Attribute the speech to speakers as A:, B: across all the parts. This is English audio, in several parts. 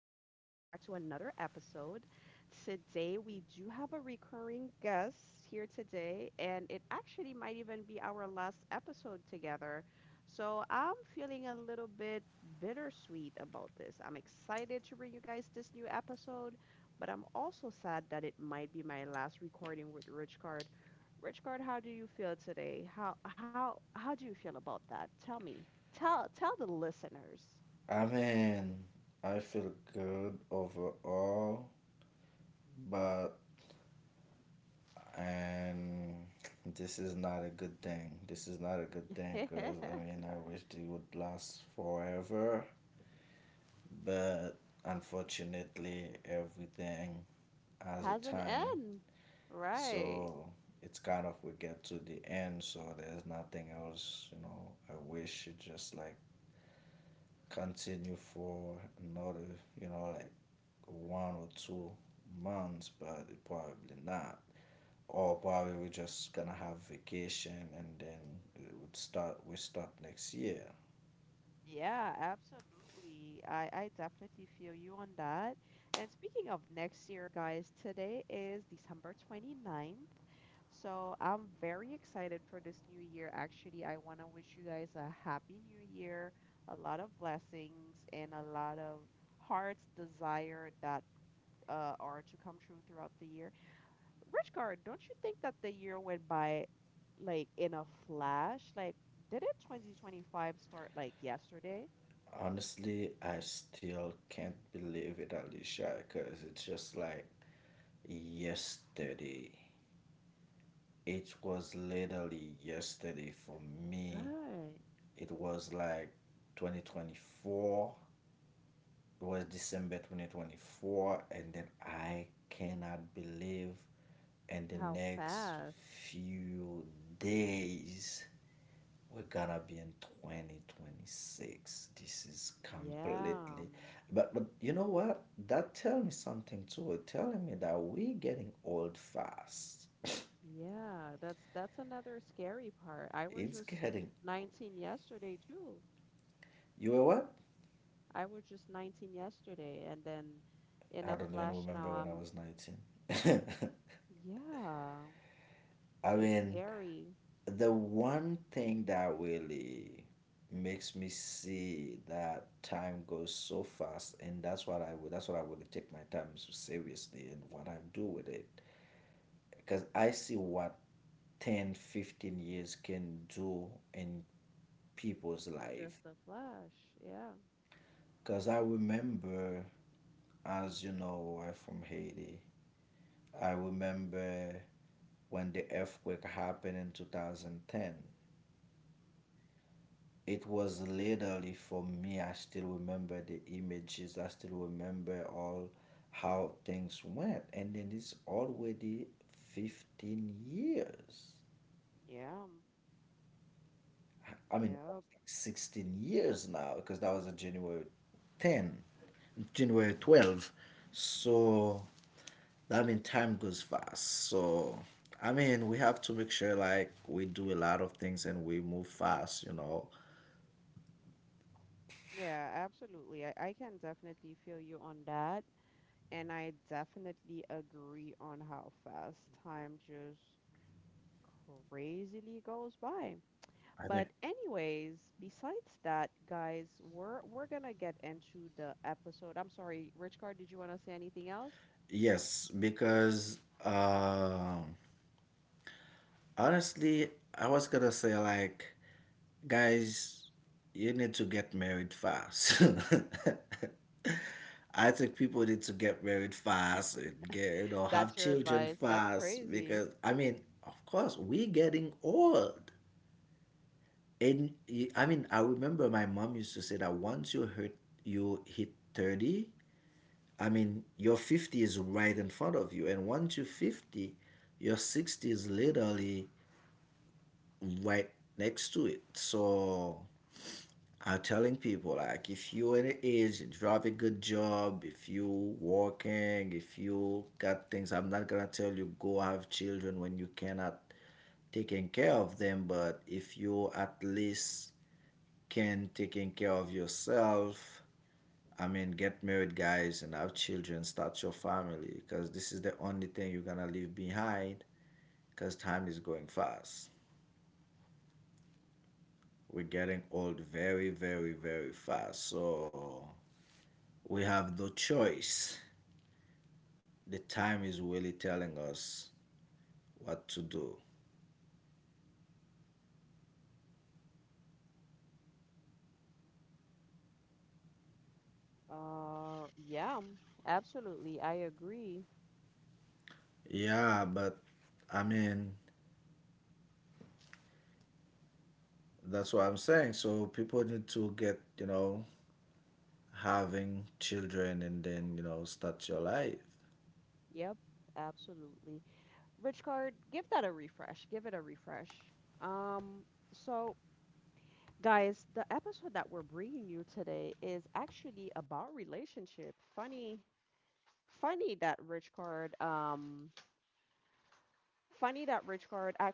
A: to another episode. Today, we do have a recurring guest here today, and it actually might even be our last episode together. So, I'm feeling a little bit bittersweet about this. I'm excited to bring you guys this new episode, but I'm also sad that it might be my last recording with Rich Card. Rich Card, how do you feel today? How do you feel about that? Tell me. Tell the listeners. Has an N. Right. Yeah, absolutely. I definitely feel you on that. And speaking of next year, guys, today is December 29th. So I'm very excited for this new year. Actually, I want to wish you guys a happy new year, a lot of blessings, and a lot of hearts' desire that are to come true throughout the year. Richcard, don't you think that the year went by like in a flash? Like, didn't 2025 start like yesterday? Right. How fast. Yeah. Yeah, that's another scary part. I was just 19 yesterday too. I was just 19 yesterday and then in a flash now I'm, yeah, it's scary. Just a flash. Yeah. Hmm. Yeah. Yep. Yeah, absolutely. I can definitely feel you on that. And I definitely agree on how fast time just crazily goes by. But anyways, besides that, guys, we're gonna get into the episode. I'm sorry, Rich Card, did you wanna say anything else? That's your advice. That's crazy. Yeah, absolutely. I agree. Yep, absolutely. Rich card, give that a refresh. Give it a refresh. Um, so guys, the episode that we're bringing you today is actually about relationship. Funny that Rich card. Um, funny that Rich card. Ac-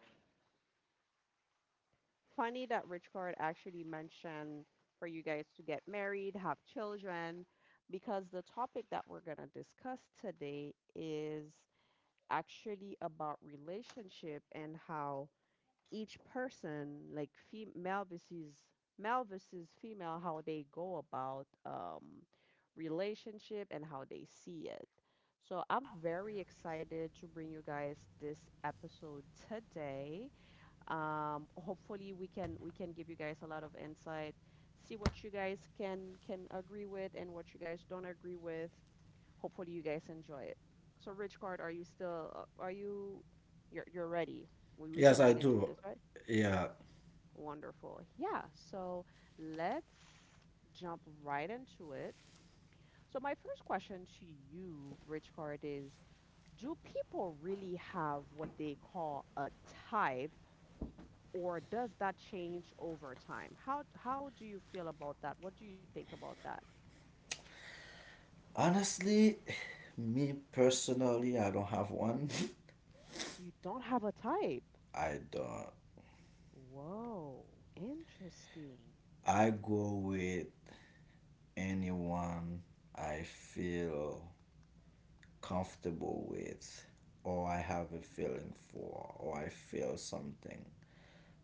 A: funny that Rich card actually mentioned for you guys to get married, have children, because the topic that we're gonna discuss today is actually about relationship and how each person, like male versus female, how they go about relationship and how they see it. So I'm very excited to bring you guys this episode today. Hopefully we can give you guys a lot of insight, see what you guys can agree with and what you guys don't agree with. Hopefully you guys enjoy it. So Rich Card, are you still are you you're ready? We
B: Yes,
A: can
B: I
A: get into
B: do.
A: this, right?
B: Yeah.
A: Wonderful. Yeah. So let's jump right into it. So, my first question to you, Rich Card, is, do people really have what they call a type, or does that change over time? How do you feel about that? What do you think about that?
B: Honestly, me personally, I don't have one.
A: You don't have a type.
B: I don't.
A: Whoa, interesting.
B: I go with anyone I feel comfortable with, or I have a feeling for, or I feel something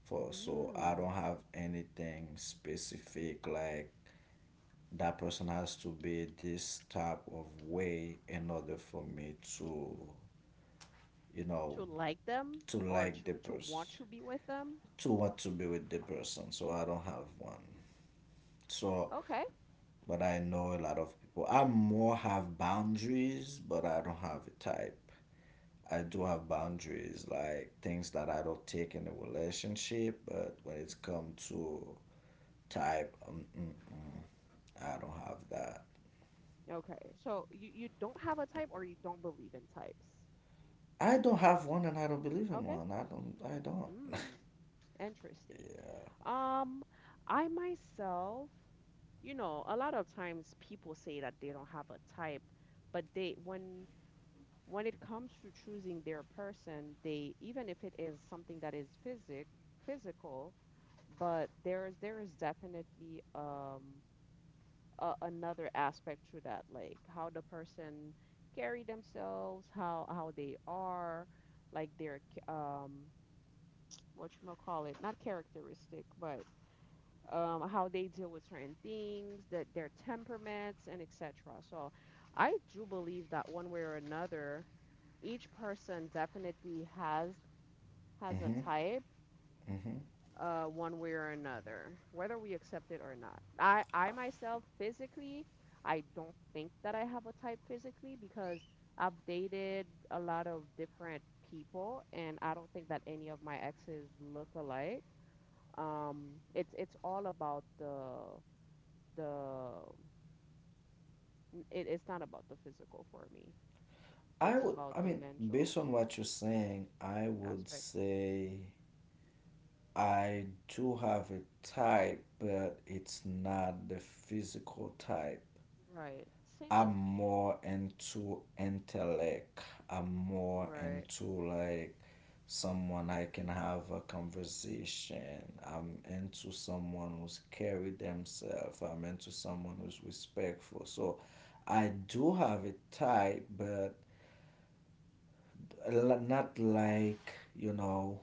B: for. So I
A: Mm,
B: don't have anything specific like that person has to be this type of way in order for me to, you know,
A: to like them
B: to
A: or
B: like the
A: to want
B: person.
A: to be with them?
B: To want to be with the person. So I don't have one. So,
A: Okay.
B: but I know a lot of people. I more have boundaries, but I don't have a type. I do have boundaries, like things that I don't take in a relationship. But when it's come to type, mm-mm, I don't have that.
A: Okay. So you don't have a type or you don't believe in types.
B: I don't have one, and I don't believe in
A: Okay.
B: one. I don't. I don't.
A: Mm, interesting.
B: Yeah.
A: Um, I myself, a lot of times people say that they don't have a type, but they when it comes to choosing their person, they even if it is something that is physical, but there is definitely another aspect to that, like how the person carry themselves, how they are, like their what you call it, not characteristic, but how they deal with certain things, that their temperaments and etc. So I do believe that one way or another, each person definitely has a
B: Mm-hmm.
A: type,
B: Mm-hmm.
A: one way or another, whether we accept it or not. I myself, physically, I don't think that I have a type physically because I've dated a lot of different people, and I don't think that any of my exes look alike. Um, it's it's all about the the it's not about the physical for me.
B: I
A: It's
B: would.
A: about
B: I
A: the
B: mean,
A: mental
B: based on
A: f-
B: what you're saying, I would
A: aspect.
B: say I do have a type, but it's not the physical type.
A: Right. Same as
B: I'm
A: me.
B: more into intellect. I'm more
A: Right.
B: into like someone I can have a conversation. I'm into someone who's carry themselves. I'm into someone who's respectful. So I do have a type, but not like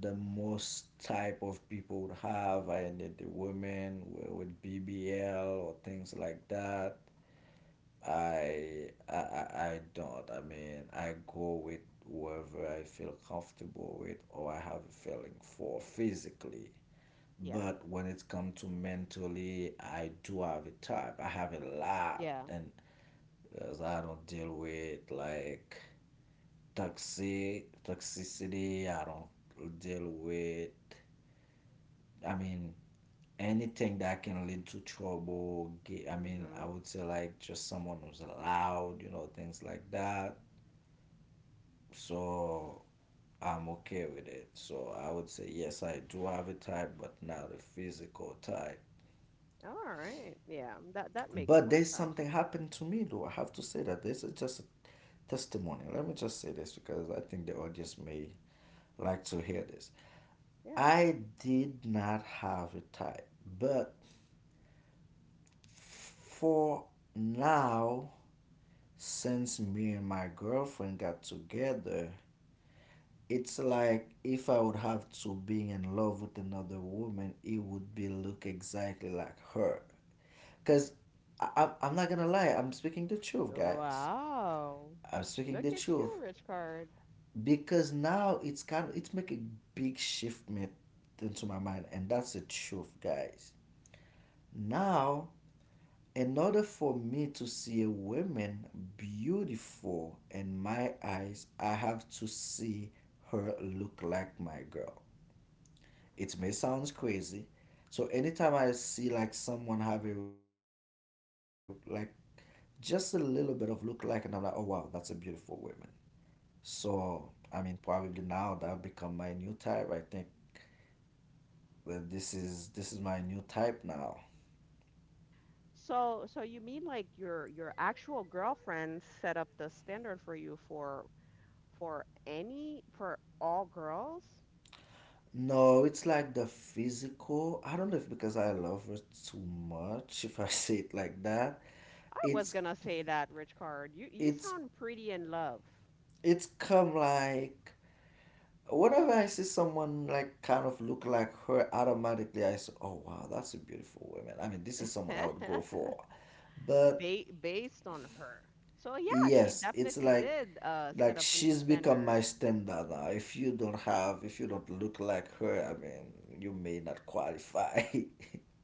B: the most type of people would have. I did the women with BBL or things like that. I I I don't. I mean, I go with whoever I feel comfortable with or I have a feeling for physically.
A: Yeah.
B: But when it comes to mentally, I do have a type. I have a lot,
A: Yeah.
B: and because I don't deal with like toxicity. I don't deal with. I mean, anything that can lead to trouble. I mean, I would say like just someone who's loud, things like that. So I'm okay with it. So I would say yes, I do have a type, but not a physical type.
A: All right. Yeah, that makes
B: But
A: more
B: there's
A: sense.
B: something happened to me though. I have to say that this is just a testimony. Let me just say this because I think the audience may like to hear this.
A: Yeah.
B: I did not have a type, but for now, since me and my girlfriend got together, it's like if I would have to be in love with another woman, it would be look exactly like her. Cause I'm not gonna lie, I'm speaking the truth, guys.
A: Wow.
B: I'm speaking
A: Look
B: the
A: at
B: truth
A: you, Rich Card.
B: because now it's kind of it's making a big shift me into my mind, and that's the truth, guys. Now in order for me to see a woman beautiful in my eyes, I have to see her look like my girl. It may sound crazy. So anytime I see like someone have a like just a little bit of look like and I'm like, oh wow, that's a beautiful woman. So I mean probably now that become my new type. I think that this is my new type now.
A: So you mean like your actual girlfriend set up the standard for you for all girls?
B: No, it's like the physical. I don't know if because I love her too much, if I say it like that.
A: I was
B: It's
A: gonna say that, Rich Card. You
B: it's
A: sound pretty in love.
B: it's come like whenever I see someone like kind of look like her, automatically I say, "Oh wow, that's a beautiful woman." I mean, this is someone I would go for. But
A: Based on her. So yeah, she
B: yes, it's
A: definitely did set
B: like
A: up a new
B: she's become
A: standard.
B: my standard now. If you don't look like her, I mean, you may not qualify.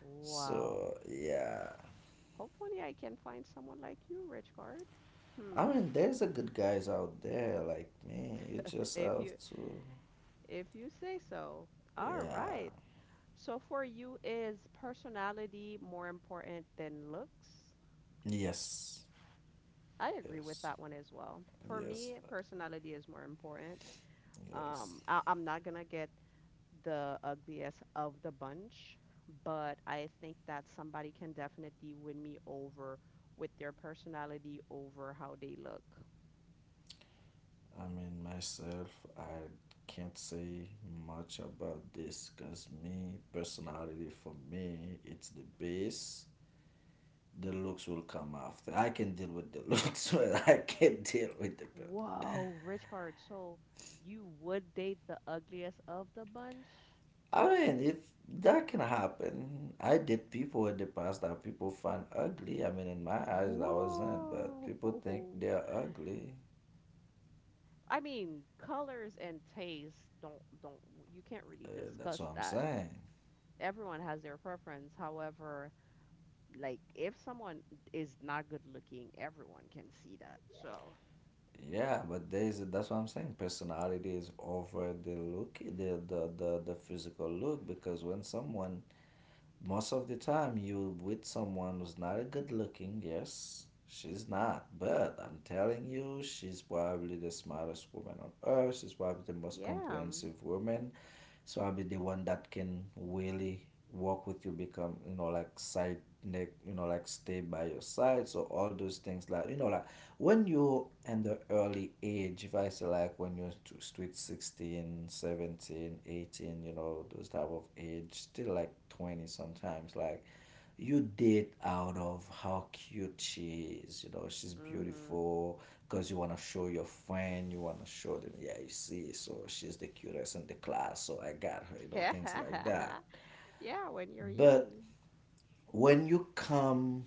A: Wow.
B: So yeah.
A: Hopefully, I can find someone like you, Richard.
B: I
A: Hmm,
B: mean, there's a good guys out there like me. You just
A: if
B: have
A: you
B: to,
A: if you say so. All
B: yeah,
A: right. So for you, is personality more important than looks?
B: yes,
A: I agree with
B: yes,
A: that one as well. For
B: yes,
A: me, personality is more important.
B: yes.
A: I'm not gonna get the ugliest of the bunch, but I think that somebody can definitely win me over with their personality over how they look.
B: I mean, myself, I can't say much about this because me, personality for me, it's the base. The looks will come after. I can deal with the looks, but I can't deal with the
A: Whoa, Rich Card. So you would date the ugliest of the bunch?
B: I mean, it's that can happen. I did people in the past that people find ugly. I mean, in my eyes, that wasn't, but
A: Whoa.
B: people think they're ugly.
A: I mean, colors and taste don't you can't really
B: Uh, that's
A: discuss
B: what I'm
A: that.
B: saying.
A: Everyone has their preference. However, like if someone is not good looking, everyone can see that. So,
B: Yeah, but there's that's what I'm saying. Personality is over the look, the physical look, because when someone, most of the time, you with someone who's not a good looking. Yes, she's not, but I'm telling you, she's probably the smartest woman on earth. She's probably the most
A: yeah.
B: comprehensive woman. So I'll be the one that can really work with you, become, like side, like stay by your side. So all those things, like when you in the early age, if I say like when you're to street 16, 17, 18, you know those type of age still like 20, sometimes like you date out of how cute she is, you know, she's
A: Mhm.
B: beautiful because you want to show your friend, you want to show them. Yeah, you see, so she's the cutest in the class, so I got her, you know, things like that.
A: Yeah, when you're young.
B: But when you come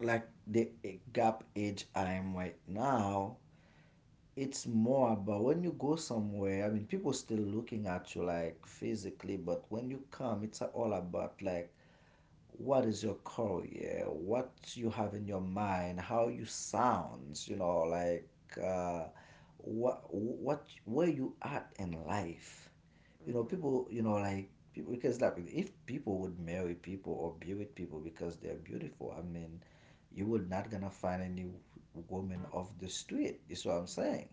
B: like the gap age I'm right now, it's more about when you go somewhere, I mean people still looking at you like physically, but when you come it's all about like what is your career, what you have in your mind, how you sounds, uh what where you at in life. You know
A: Mhm.
B: people, you know, like people, because like if people would marry people or be with people because they're beautiful, I mean you would not gonna find any woman off the street. You see what I'm saying?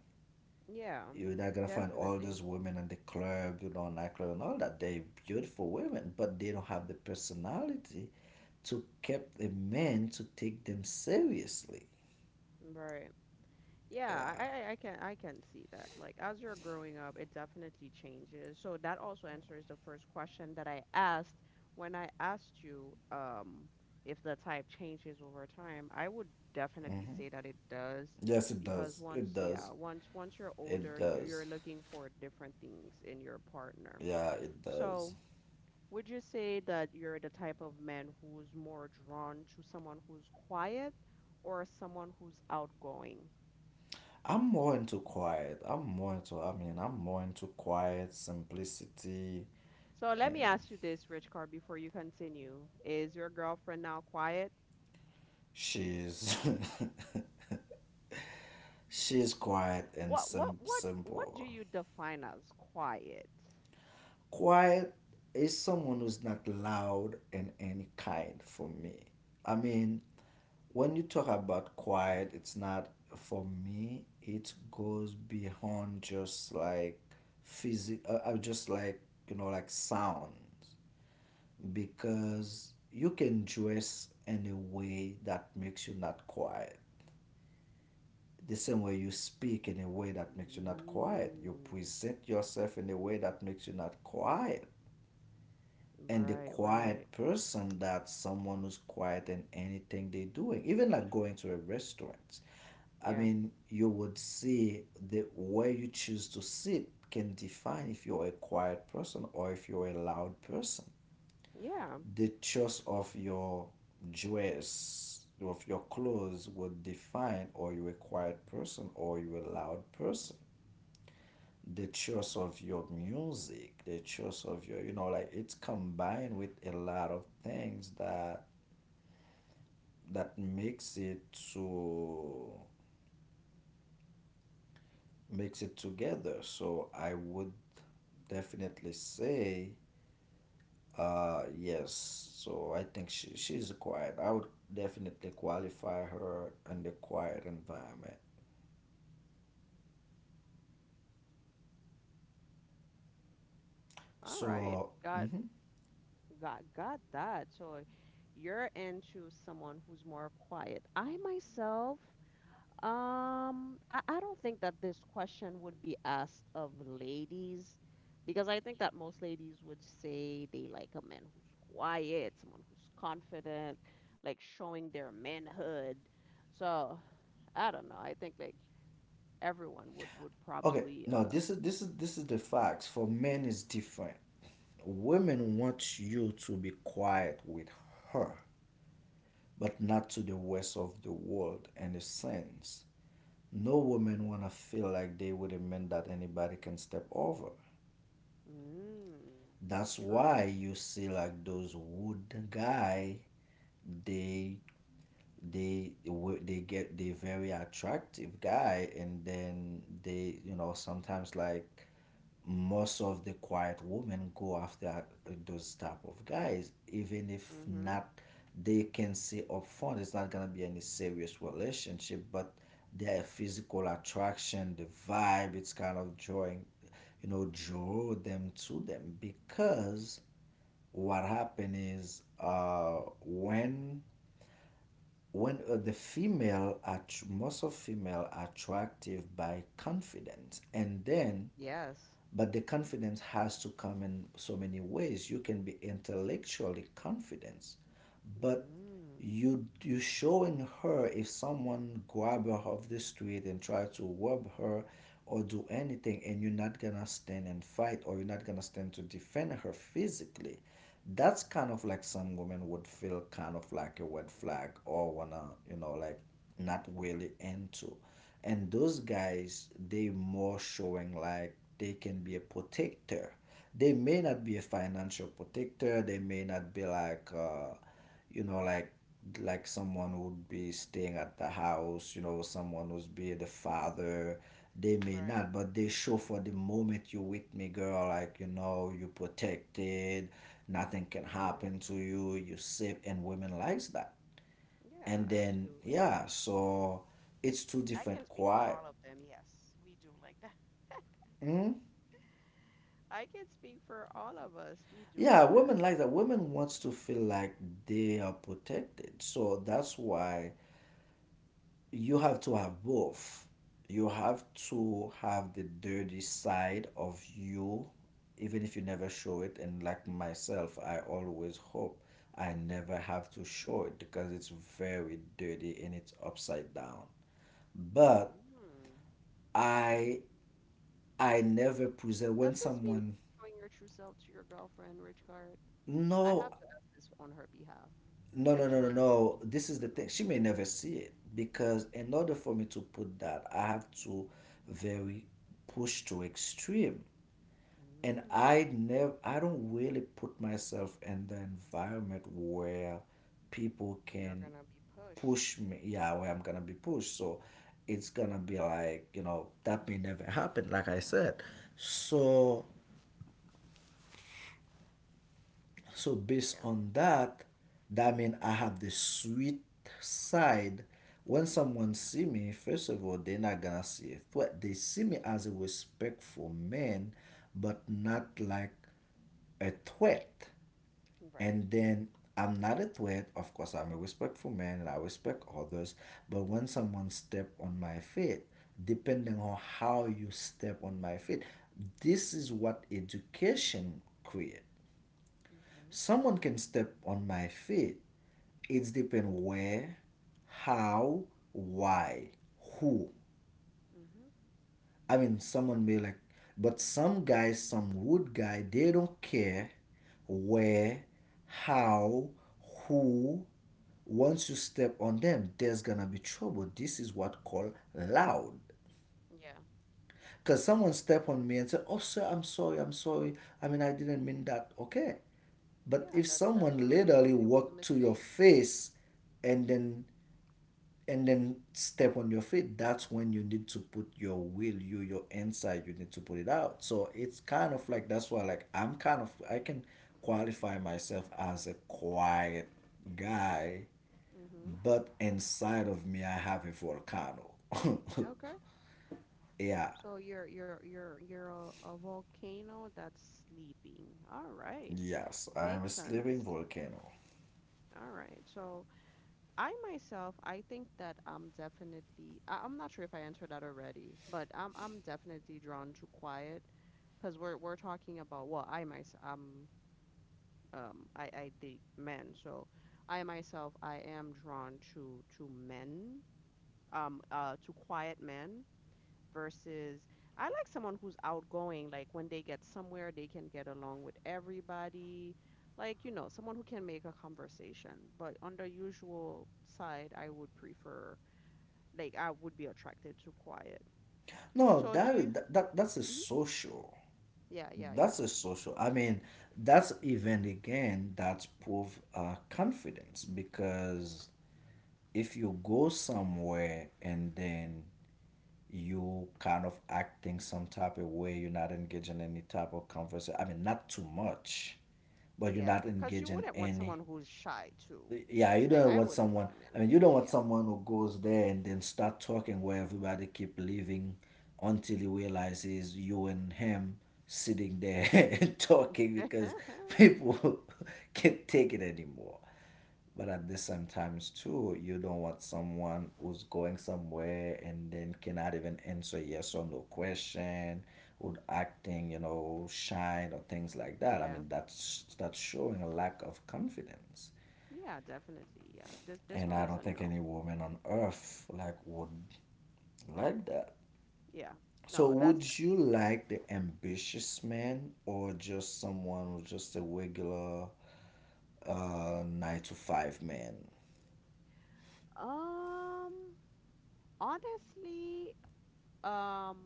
A: Yeah,
B: You're not gonna find all
A: definitely.
B: these women in the club, you know, nightclub and all that. They're beautiful women, but they don't have the personality to keep a man to take them seriously.
A: Right. Yeah,
B: Yeah.
A: I can see that. Like as you're growing up, it definitely changes. So that also answers the first question that I asked when I asked you if the type changes over time. I would definitely
B: Hmm.
A: say that it does
B: Yes, it
A: because
B: does.
A: once
B: It
A: yeah,
B: does.
A: once you're
B: It
A: older,
B: does.
A: you're looking for different things in your partner.
B: Yeah, it does.
A: So would you say that you're the type of man who's more drawn to someone who's quiet or someone who's outgoing?
B: I'm more into quiet. I'm more into. I mean, I'm more into quiet simplicity.
A: So let me
B: And
A: ask you this, Rich Car, before you continue. Is your girlfriend now quiet?
B: she's she's quiet and
A: What do
B: simple.
A: you define as quiet?
B: Quiet is someone who's not loud in any kind for me. I mean, when you talk about quiet, it's not for me. It goes beyond just like physical. Just like you know, like sounds, because you can dress in a way that makes you not quiet. The same way you speak in a way that makes you not quiet. You
A: Mm,
B: present yourself in a way that makes you not quiet. And the
A: right, right.
B: quiet person, that's someone who's quiet in anything they're doing, even like going to a restaurant. I
A: Yeah.
B: mean, you would see the way you choose to sit can define if you're a quiet person or if you're a loud person.
A: Yeah.
B: The choice of your dress, of your clothes, would define are you a quiet person or you a loud person. The choice of your music, the choice of your, you know, like it's combined with a lot of things that that makes it to makes it together. So I would definitely say yes. So I think she's a quiet. I would definitely qualify her in the quiet environment.
A: All right.
B: So
A: Got
B: mhm.
A: got got that. So you're into someone who's more quiet. I myself, I don't think that this question would be asked of ladies because I think that most ladies would say they like a man who's quiet, someone who's confident, like showing their manhood. So I don't know. I think like everyone would
B: Okay,
A: probably
B: no, this is this is the facts. For men, it's different. Women want you to be quiet with her, but not to the rest of the world in a sense. No woman wanna feel like they with a man that anybody can step over.
A: mm,
B: That's
A: true.
B: why you see like those wood guy, they they they get they very attractive guy, and then they you know sometimes like most of the quiet women go after those type of guys, even if
A: Mm-hmm.
B: not, they can say upfront it's not gonna be any serious relationship, but their physical attraction, the vibe, it's kind of drawing, you know, draw them to them because what happened is when when the female, at most of female attractive by confidence, and then
A: Yes.
B: but the confidence has to come in so many ways. You can be intellectually confident, but
A: Mm.
B: you showing her if someone grab her off the street and try to rob her or do anything and you're not gonna stand and fight or you're not gonna stand to defend her physically, that's kind of like some women would feel kind of like a red flag or wanna, you know, like not really into. And those guys, they more showing like they can be a protector. They may not be a financial protector, they may not be like you know like like someone would be staying at the house, you know, someone who's be the father. They may
A: Right.
B: not, but they show for the moment you with me, girl, like you know, you protected, nothing can
A: Mm-hmm.
B: happen to you, you safe, and women likes that.
A: Yeah,
B: And then
A: absolutely.
B: yeah, so it's two
A: I can
B: different
A: speak for
B: quiet.
A: all of them. Yes, we do like that.
B: Hmm.
A: I can speak for all of us. We do
B: Yeah,
A: like that.
B: women like that. Women wants to feel like they are protected, so that's why you have to have both. You have to have the dirty side of you, even if you never show it. And like myself, I always hope I never have to show it because it's very dirty and it's upside down. But
A: Mm.
B: I I never present
A: Does
B: when
A: this mean
B: someone.
A: you're showing your true self to your girlfriend, Richard? I
B: No,
A: have to ask this on her behalf.
B: no
A: If
B: no
A: she
B: no no
A: was there,
B: no
A: she would
B: this is the
A: want to
B: thing,
A: know.
B: she may never see it because in order for me to put that I have to very push to extreme. And
A: Mm.
B: I never, I don't really put myself in the environment where people
A: You're
B: can
A: gonna be pushed.
B: push me. Yeah, where I'm gonna be pushed. So it's gonna be like you know that may never happen. Like I said, so so based
A: Yeah,
B: on that, that means I have the sweet side. When someone see me, first of all, they're not gonna see it, but they see me as a respectful man, but not like a threat.
A: right.
B: And then I'm not a threat. Of course, I'm a respectful man and I respect others. But when someone step on my feet, depending on how you step on my feet, this is what education create.
A: Hmm.
B: Someone can step on my feet. It's depend where, how, why, who.
A: Hmm.
B: I mean, someone may like, but some guys, some wood guy, they don't care where, how, who. Once you step on them, there's gonna be trouble. This is what called loud.
A: Yeah.
B: Cause someone step on me and say, "Oh, sir, I'm sorry, I'm sorry. I mean, I didn't mean that." Okay, but
A: Yeah,
B: if
A: that's
B: someone
A: totally
B: literally
A: fine. It was a
B: walk to your
A: mistake.
B: face and then and then step on your feet, that's when you need to put your will, you your inside, you need to put it out. So it's kind of like that's why like I'm kind of, I can qualify myself as a quiet guy,
A: Hmm.
B: but inside of me I have a volcano.
A: Okay.
B: Yeah.
A: So you're a volcano that's sleeping. All right.
B: Yes, I'm a
A: Makes sense.
B: sleeping volcano.
A: All right. So I myself, I think that I'm definitely, I'm not sure if I answered that already, but I'm definitely drawn to quiet because we're talking about, well, I myself, I date men, so I myself, I am drawn to men, to quiet men versus, I like someone who's outgoing, like when they get somewhere, they can get along with everybody. Like, someone who can make a conversation. But on the usual side, I would prefer, like, I would be attracted to quiet.
B: No,
A: So do you?
B: that's a
A: Mhm.
B: social.
A: Yeah, yeah, yeah.
B: That's a social, I mean, that's even, again, that's proof confidence. Because if you go somewhere and then you kind of acting some type of way, you're not engaging any type of conversation. I mean, not too much, but you're
A: Yeah,
B: not
A: because you
B: engaging
A: wouldn't want
B: any.
A: someone who's shy too.
B: Yeah, you
A: Like
B: don't
A: I
B: want
A: wouldn't
B: someone.
A: want a
B: I
A: man
B: mean,
A: who's
B: you don't
A: shy.
B: want
A: Yeah.
B: someone who goes there and then start talking where everybody keep leaving until he realizes you and him sitting there and talking because people can't take it anymore. But at the same times too, you don't want someone who's going somewhere and then cannot even answer yes or no question, or acting, you know, shy or things like that. I
A: Yeah.
B: mean, that's showing a lack of confidence,
A: Yeah, definitely. Yeah. This
B: and
A: one
B: I
A: is
B: don't
A: a
B: think
A: no.
B: any woman on earth like would like that.
A: Yeah.
B: So
A: No, that's
B: would you like the ambitious man or just someone who's just a regular nine to five man?
A: um honestly, um,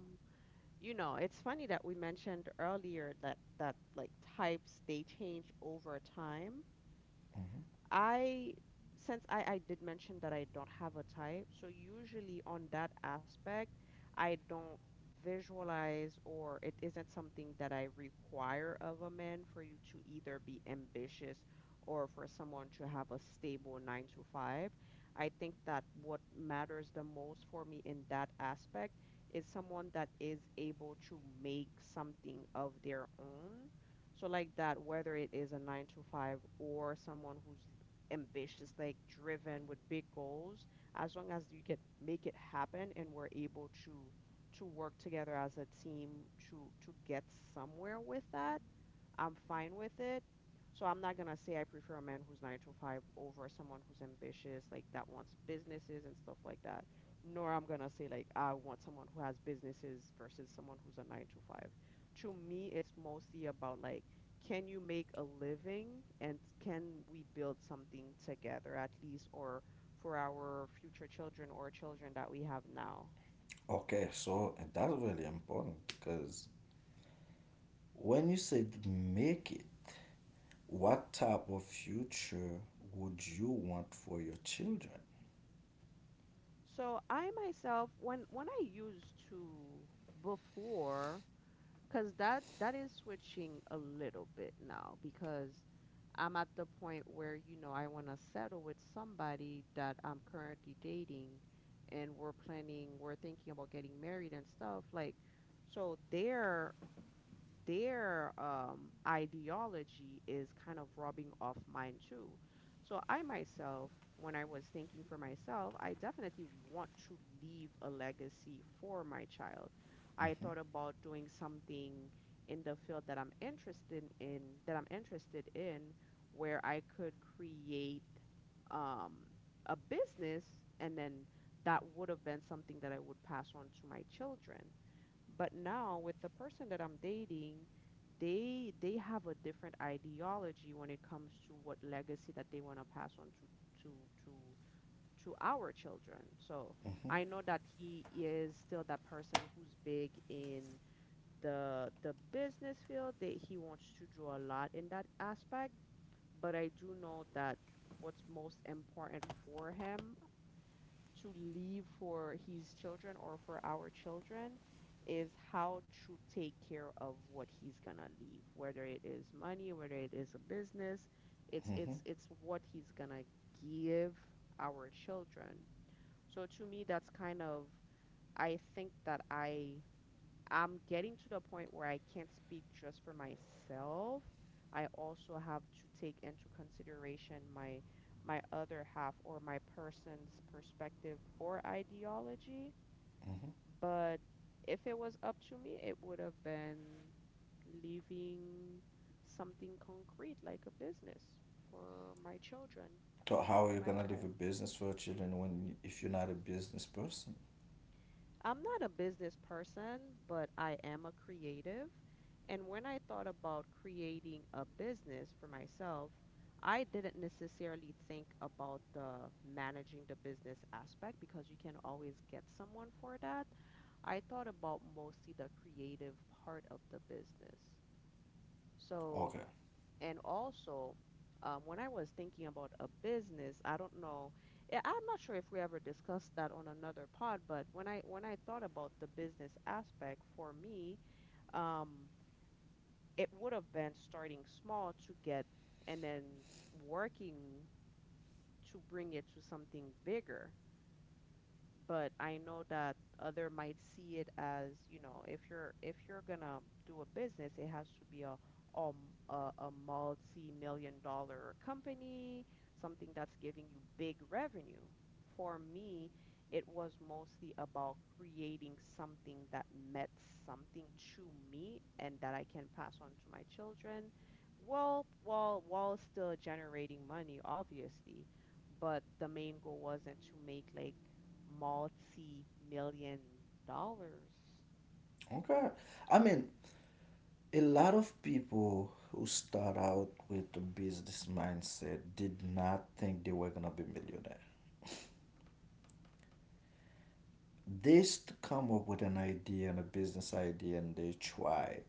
A: it's funny that we mentioned earlier that like types they change over time.
B: Mm-hmm.
A: I Since I did mention that I don't have a type, so usually on that aspect, I don't visualize or it isn't something that I require of a man for you to either be ambitious or for someone to have a stable nine to five. I think that what matters the most for me in that aspect is someone that is able to make something of their own. So like that, whether it is a nine to five or someone who's ambitious, like driven with big goals, as long as you can make it happen and we're able to work together as a team to get somewhere with that, I'm fine with it. So I'm not gonna say I prefer a man who's nine to five over someone who's ambitious, like that wants businesses and stuff like that. Nor I'm gonna say like I want someone who has businesses versus someone who's a nine to five. To me, it's mostly about like, can you make a living and can we build something together at least, or for our future children or children that we have now.
B: Okay, so that's really important because when you said make it, what type of future would you want for your children?
A: So I myself, when I used to before because that is switching a little bit now because I'm at the point where, you know, I want to settle with somebody that I'm currently dating, and we're planning, we're thinking about getting married and stuff. Like, so there their ideology is kind of rubbing off mine too. So I myself, when I was thinking for myself, I definitely want to leave a legacy for my child. I
B: Mm-hmm.
A: thought about doing something in the field that I'm interested in, that I'm interested in, where I could create um, a business, and then that would have been something that I would pass on to my children. But now with the person that I'm dating, they have a different ideology when it comes to what legacy that they want to pass on to to to our children. So
B: Mm-hmm.
A: I know that he is still that person who's big in the business field, that he wants to do a lot in that aspect, but I do know that what's most important for him to leave for his children or for our children is how to take care of what he's gonna leave, whether it is money, whether it is a business, it's
B: Mm-hmm.
A: it's it's what he's gonna give our children. So to me, that's kind of, I think that I I'm getting to the point where I can't speak just for myself. I also have to take into consideration my other half or my person's perspective or ideology.
B: Mm-hmm.
A: But if it was up to me, it would have been leaving something concrete like a business for my children
B: So how are
A: or
B: you
A: my
B: gonna leave a
A: child.
B: business for your children when if you're not a business person?
A: I'm not a business person, but I am a creative. And when I thought about creating a business for myself, I didn't necessarily think about the managing the business aspect, because you can always get someone for that. I thought about mostly the creative part of the business. So
B: Okay.
A: and also, when I was thinking about a business, I don't know. Yeah, I'm not sure if we ever discussed that on another pod, but when I thought about the business aspect for me, um, it would have been starting small to get, and then working to bring it to something bigger. But I know that other might see it as, you know, if you're gonna do a business, it has to be a, a multi-million-dollar company, something that's giving you big revenue. For me, it was mostly about creating something that meant something to me and that I can pass on to my children, while still generating money, obviously, but the main goal wasn't to make like multi-million dollars.
B: Okay. I mean, a lot of people who start out with a business mindset did not think they were gonna be millionaire. They come up with an idea and a business idea and they try,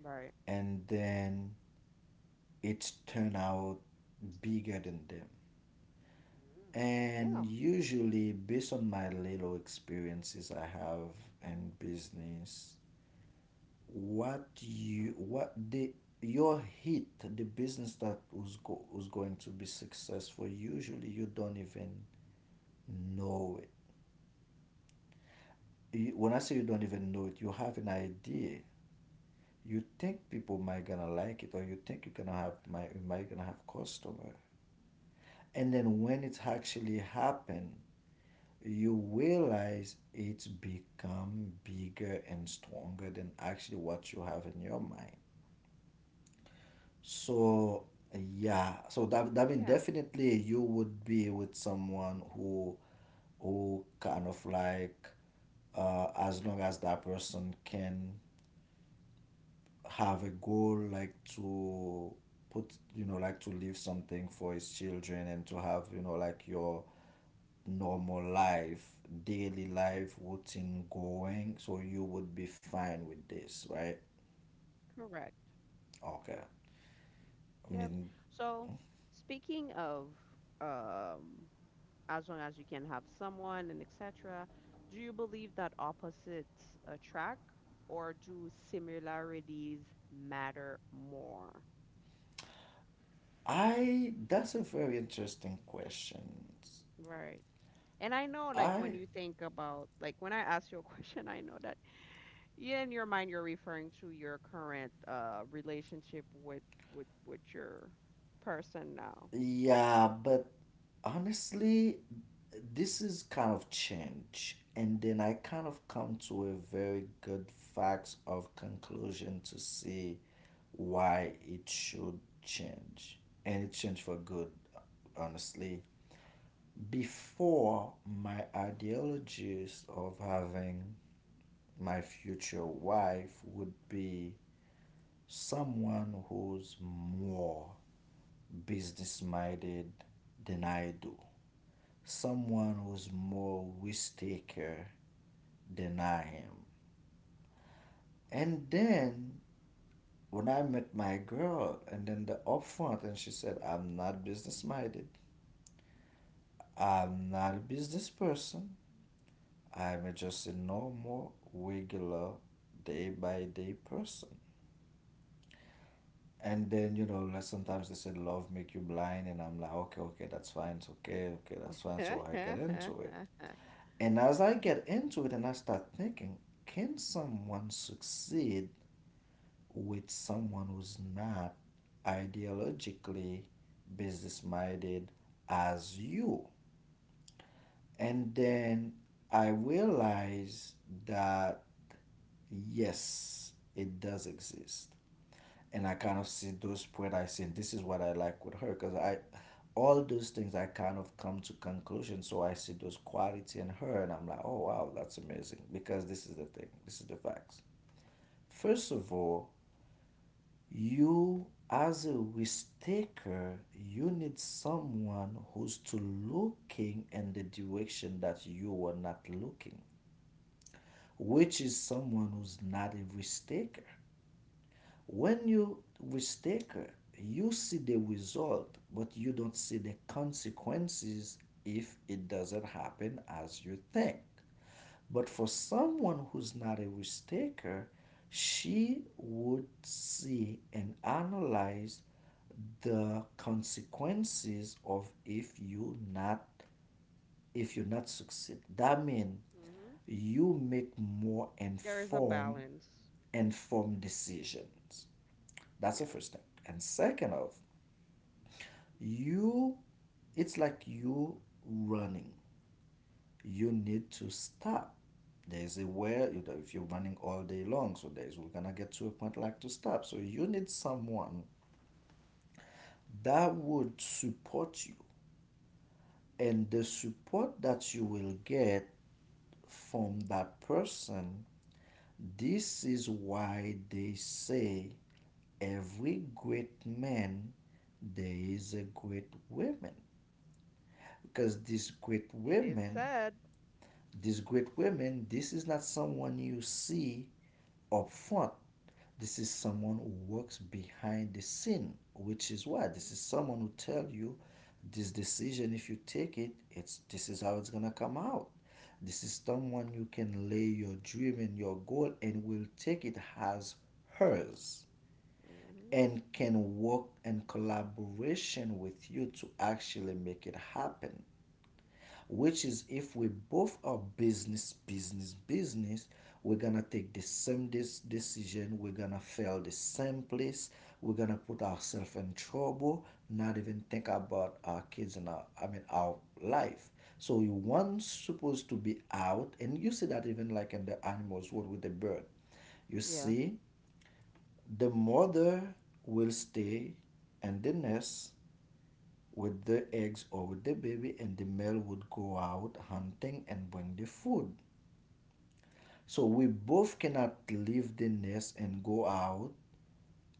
A: Right.
B: and then it's turn out bigger than them.
A: Mm. Yeah.
B: And usually, based on my little experiences I have in business, what you what the your hit the business that was was going to be successful, usually you don't even know it. You, when I say you don't even know it, you have an idea, you think people might gonna like it, or you think you're gonna have my you might gonna have customer. And then when it actually happen, you realize it's become bigger and stronger than actually what you have in your mind. So yeah, so that that mean
A: Yeah.
B: definitely you would be with someone who kind of like, as long as that person can have a goal, like to put, you know, like to leave something for his children and to have, you know, like your normal life, daily life routine going, so you would be fine with this, right?
A: Correct.
B: Okay. I
A: Yep.
B: mean,
A: So speaking of, um as long as you can have someone and etc., do you believe that opposites attract or do similarities matter more?
B: I that's a very interesting question.
A: Right. And I know, like,
B: I
A: when you think about, like, when I ask you a question, I know that, yeah, in your mind, you're referring to your current relationship with with your person now.
B: Yeah, but honestly, this is kind of change, and then I kind of come to a very good facts of conclusion to see why it should change, and it changed for good, honestly. Before my ideologies of having my future wife would be someone who's more business minded than I do. Someone who's more risk taker than I am. And then when I met my girl, and then the upfront, and she said, I'm not business minded. I'm not a business person. I'm just a normal, regular, day by day person. And then, you know, like sometimes they said, love make you blind. And I'm like, okay, okay, that's fine. It's okay. Okay, that's fine. So I get into it.
A: hmm.
B: And as I get into it and I start thinking, can someone succeed with someone who's not ideologically business minded as you? And then I realize that yes, it does exist. And I kind of see those where I say this is what I like with her because I all those things I kind of come to conclusion. So I see those quality in her, and I'm like, oh wow, that's amazing. Because this is the thing, this is the facts. First of all, you as a risk taker, you need someone who's to looking in the direction that you are not looking, which is someone who's not a risk taker. When you risk taker, you see the result, but you don't see the consequences if it doesn't happen as you think. But for someone who's not a risk taker, she would see and analyze the consequences of if you not, succeed. That means you make more
A: There is a
B: informed
A: balance.
B: informed decisions. That's the
A: Yeah.
B: first thing. And second of, you, it's like you running. You need to stop. There's a, where you know, if you're running all day long, so there's we're gonna get to a point like to stop. So you need someone that would support you. And the support that you will get from that person, this is why they say every great man there is a great woman. Because
A: It is said.
B: these great women, this is not someone you see up front. This is someone who works behind the scene, which is why this is someone who tell you this decision, if you take it, it's this is how it's gonna come out. This is someone you can lay your dream and your goal and will take it as hers,
A: Mm-hmm.
B: and can work in collaboration with you to actually make it happen. Which is if we both are business, we're gonna take the same decision, we're gonna fail the same place, we're gonna put ourselves in trouble, not even think about our kids and our, I mean, our life. So you one supposed to be out. And you see that even like in the animals world with the bird, you
A: Yeah.
B: see the mother will stay in the nest with the eggs or with the baby, and the male would go out hunting and bring the food. So we both cannot leave the nest and go out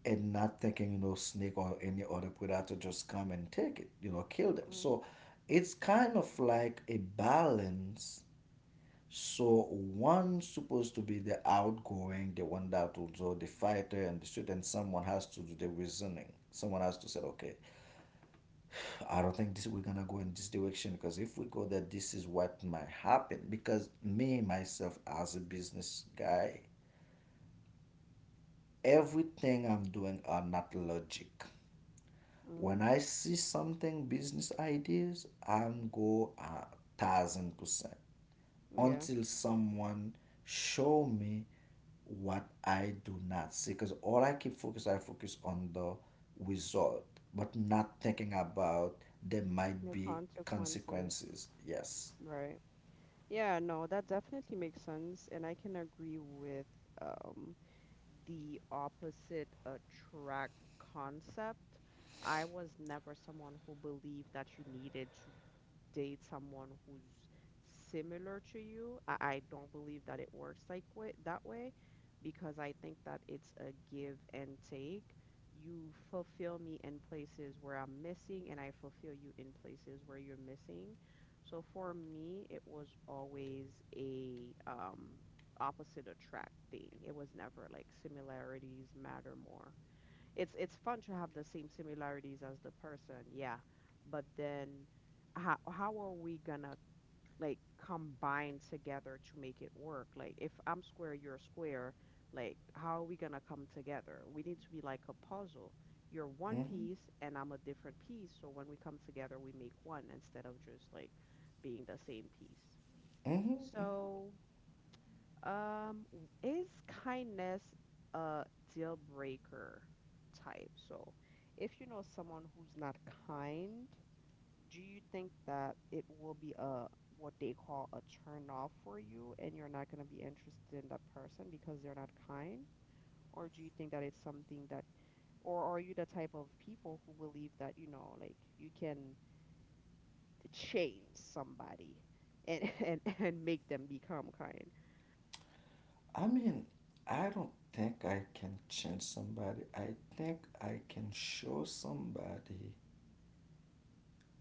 B: and not thinking, you know, snake or any other predator just come and take it, you know, kill them. So
A: Hmm.
B: it's kind of like a balance. So one's supposed to be the outgoing, the one that will do the fighter and the shooter, and someone has to do the reasoning. Someone has to say, okay, I don't think this we're gonna go in this direction because if we go that this is what might happen. Because me myself as a business guy, everything I'm doing are not logic. When
A: Hmm.
B: I see something business ideas, I'm go 1000%
A: Yeah,
B: until someone show me what I do not see. Because all I keep focus, I focus on the result, but not thinking about there might
A: the
B: be
A: consequences,
B: consequences. Yes.
A: right? Yeah, no, that definitely makes sense, and I can agree with um the opposite attract concept. I was never someone who believed that you needed date someone who's similar to you. I don't believe that it works like way, that way, because I think that it's a give and take. You fulfill me in places where I'm missing, and I fulfill you in places where you're missing. So for me, it was always a opposite attract thing. It was never like similarities matter more. It's fun to have the same similarities as the person, yeah. But then how are we gonna, like, combine together to make it work? Like, if I'm square, you're square, like, how are we gonna come together? We need to be like a puzzle. You're one
B: Mm-hmm.
A: piece and I'm a different piece, so when we come together, we make one instead of just like being the same piece.
B: Mm-hmm.
A: So is kindness a deal breaker type? So if you know someone who's not kind, do you think that it will be a what they call a turn off for you, and you're not going to be interested in that person because they're not kind? Or do you think that it's something that, or are you the type of people who believe that, you know, like, you can change somebody and and make them become kind?
B: I mean, I don't think I can change somebody. I think I can show somebody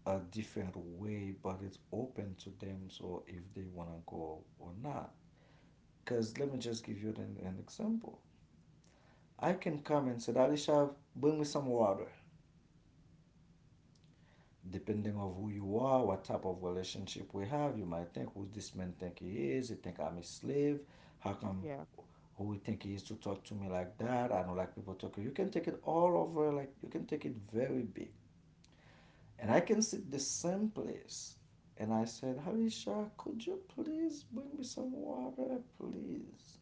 B: a different way, but it's open to them. So if they want to go or not. Because let me just give you an example. I can come and say, Alisha, bring me some water. Depending of who you are, what type of relationship we have, you might think who this man think he is. He think I'm a slave. How come
A: Yeah.
B: who he think he is to talk to me like that? I don't like people talking. You can take it all over. Like you can take it very big. And I can sit the same place. And I said, Halisha, could you please bring me some water, please?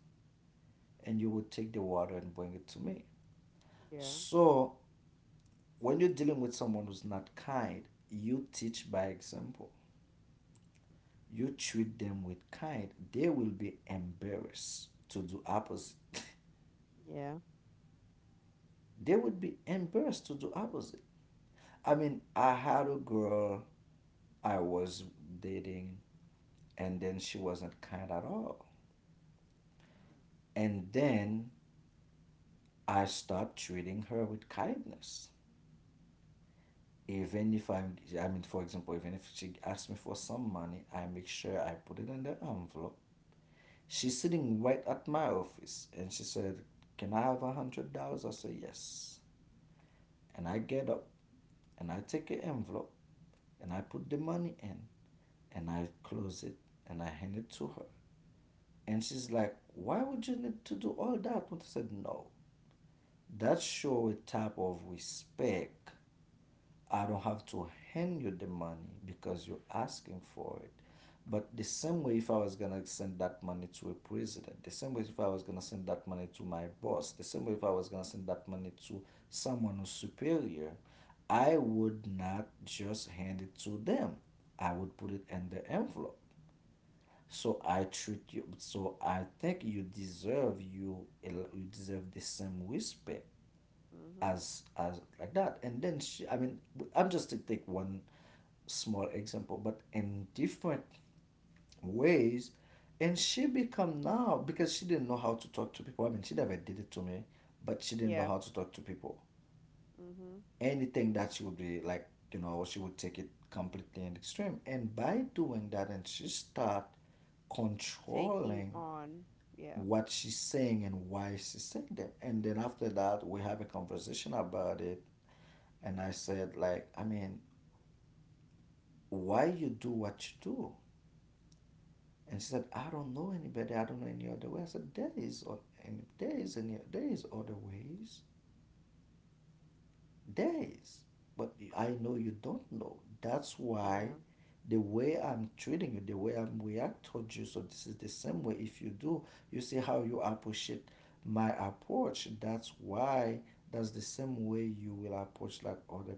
B: And you would take the water and bring it to me.
A: Yeah.
B: So when you're dealing with someone who's not kind, you teach by example. You treat them with kind, they will be embarrassed to do opposite.
A: Yeah.
B: They would be embarrassed to do opposite. I mean, I had a girl I was dating, and then she wasn't kind at all. And then I start treating her with kindness. Even if I'm, I mean, for example, even if she asks me for some money, I make sure I put it in the envelope. She's sitting right at my office, and she said, "Can I have $100?" I said, "Yes." And I get up and I take an envelope and I put the money in and I close it and I hand it to her. And she's like, why would you need to do all that? But I said, no. That show a type of respect. I don't have to hand you the money because you're asking for it. But the same way, if I was gonna send that money to a president, the same way, if I was gonna send that money to my boss, the same way, if I was gonna send that money to someone who's superior, I would not just hand it to them. I would put it in the envelope. So I treat you. So I think you deserve you you deserve the same respect,
A: Mhm.
B: as like that. And then she, I mean, I'm just to take one small example but in different ways. And she become now, because she didn't know how to talk to people. I mean, she never did it to me, but she didn't know
A: Yeah.
B: how to talk to people.
A: Mhm.
B: Anything that she would be like, she would take it completely and extreme, and by doing that, and she start
A: Taking
B: controlling
A: on. Yeah.
B: what she's saying and why she's saying them. And then after that, we have a conversation about it, and I said, like, I mean, why you do what you do. And she said, I don't know anybody. I don't know any other way. I said, there is, and there is, there is other ways. There is. But I know you don't know. That's why
A: Yeah.
B: the way I'm treating you, the way I'm react towards you. So this is the same way. If you do, you see how you appreciate my approach. That's why that's the same way you will approach, like, other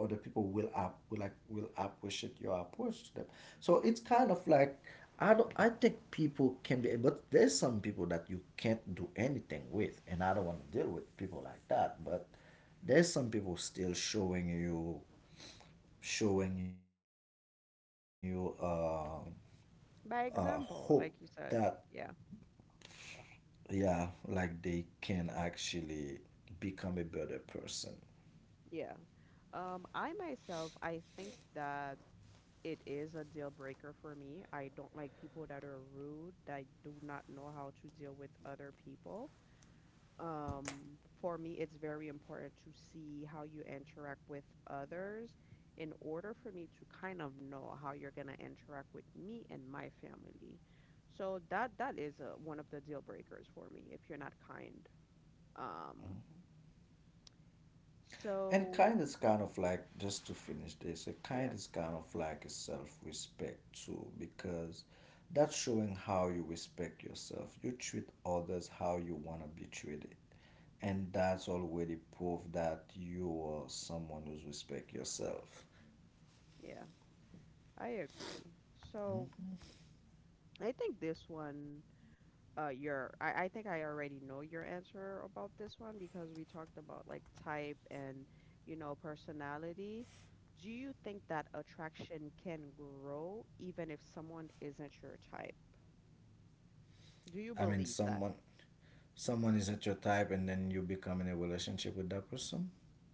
B: other people will app will like will appreciate your approach to them. So it's kind of like, I don't I think people can be, but there's some people that you can't do anything with, and I don't want to deal with people like that. But there's some people still showing you hope,
A: By example,
B: that,
A: like you said. Yeah.
B: yeah, like they can actually become a better person.
A: Yeah. I myself, I think that it is a deal breaker for me. I don't like people that are rude, that do not know how to deal with other people. For me, it's very important to see how you interact with others in order for me to kind of know how you're gonna interact with me and my family. So that is one of the deal breakers for me if you're not kind. Um,
B: And
A: so
B: kind is kind of like, just to finish this, a kind
A: yeah,
B: is kind of like a self respect too, because that's showing how you respect yourself. You treat others how you want to be treated. And that's already proof that you are someone who's respect yourself.
A: yeah, I agree. So
B: Mhm.
A: I think this one. Your I think I already know your answer about this one, because we talked about like type and, you know, personality. Do you think that attraction can grow even if someone isn't your type? Do you
B: I mean,
A: believe that?
B: someone isn't your type, and then you become in a relationship with that person.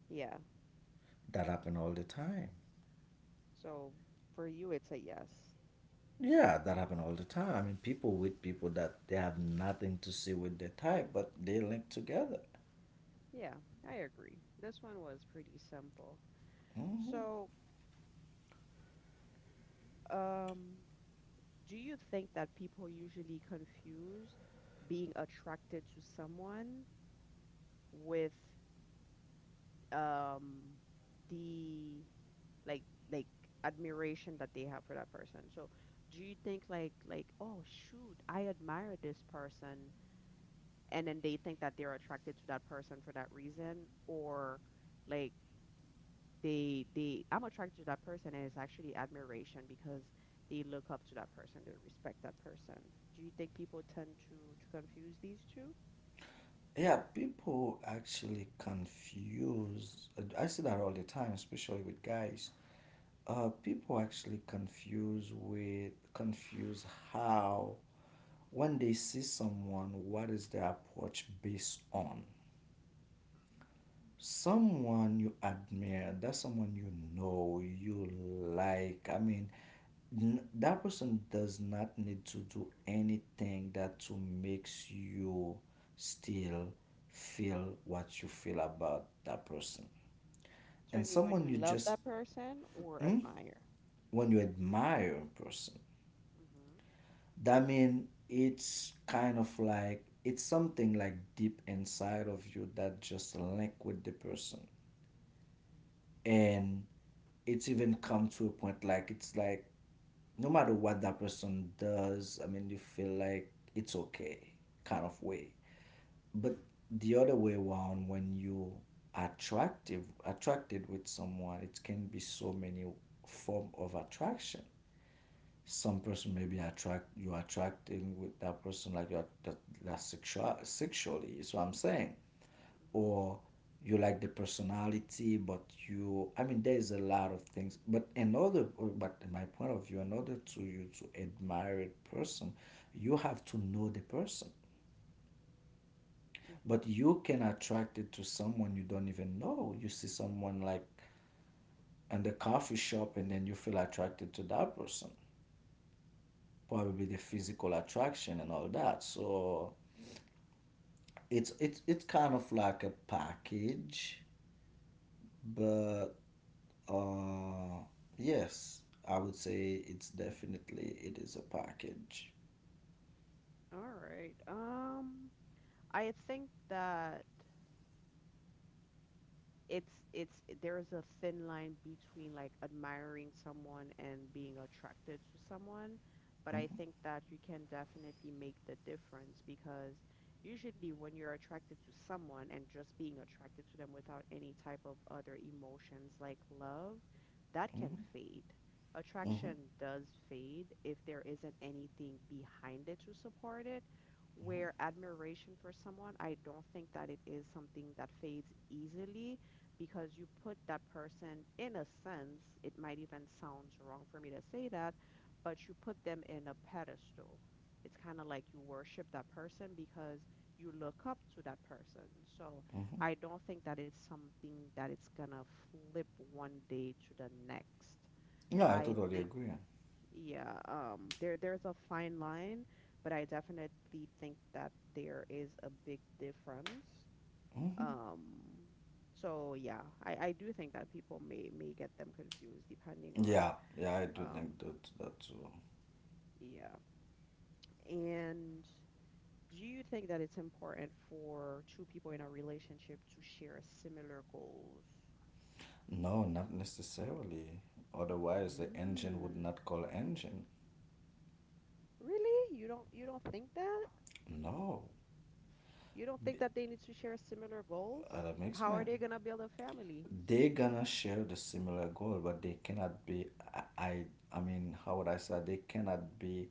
A: Yeah.
B: That happen all the time.
A: So for you, it's a yes.
B: Yeah, that happen all the time. I mean, people with people that they have nothing to see with their type, but they link together.
A: Yeah, I agree. This one was pretty simple.
B: Hmm.
A: So, um, do you think that people usually confuse being attracted to someone with um the, like, like admiration that they have for that person. So do you think like, oh shoot, I admire this person, and then they think that they're attracted to that person for that reason, or like they I'm attracted to that person and it's actually admiration because they look up to that person, they respect that person. Do you think people tend to confuse these two?
B: Yeah, people actually confuse. I see that all the time, especially with guys. People actually confuse with confuse how, when they see someone, what is their approach based on? Someone you admire, that's someone you know you like. I mean, that person does not need to do anything that to makes you still feel what you feel about that person.
A: So I
B: And
A: mean when
B: someone
A: you
B: you
A: love
B: just.
A: that person or
B: Hmm?
A: admire.
B: When you admire a person,
A: Mhm.
B: that mean it's kind of like it's something like deep inside of you that just link with the person. And it's even come to a point like it's like no matter what that person does, I mean, you feel like it's okay, kind of way. But the other way around, when you attractive attracted with someone, it can be so many form of attraction. Some person maybe attract you attracting with that person, like you're that, sexually. So I'm saying, or you like the personality, but you, I mean, there is a lot of things. But another, but in my point of view, in order to you to admire a person, you have to know the person. But
A: Mhm.
B: you can attract it to someone you don't even know. You see someone like in the coffee shop, and then you feel attracted to that person, probably the physical attraction and all that. So it's kind of like a package, but. Uh, yes, I would say it's definitely it is a package.
A: All right. I think that it's there is a thin line between like admiring someone and being attracted to someone, but I
B: Hmm.
A: think that you can definitely make the difference, because usually when you're attracted to someone and just being attracted to them without any type of other emotions like love, that can
B: Hmm.
A: fade.
B: Hmm.
A: Attraction does fade if there isn't anything behind it to support it,
B: Hmm.
A: where admiration for someone, I don't think that it is something that fades easily, because you put that person in a sense, it might even sound wrong for me to say that, but you put them in a pedestal. It's kind of like you worship that person because you look up to that person. So
B: Hmm.
A: I don't think that it's something that it's gonna flip one day to the next.
B: Yeah, I
A: I
B: totally
A: think,
B: agree.
A: yeah, there there's a fine line, but I definitely think that there is a big difference.
B: Hmm.
A: um, so yeah, I do think that people may get them confused depending on,
B: Yeah, yeah, I do
A: um,
B: think that too.
A: yeah. And do you think that it's important for two people in a relationship to share similar goals?
B: No, not necessarily. Otherwise, the engine would
A: Hmm.
B: not call engine.
A: Really? You don't think that?
B: No,
A: You don't
B: B-
A: think that they need to share similar goals?
B: that makes
A: How are
B: man.
A: they gonna build a family?
B: They gonna share the similar goal, but they cannot be. I, I mean, how would I say? They cannot be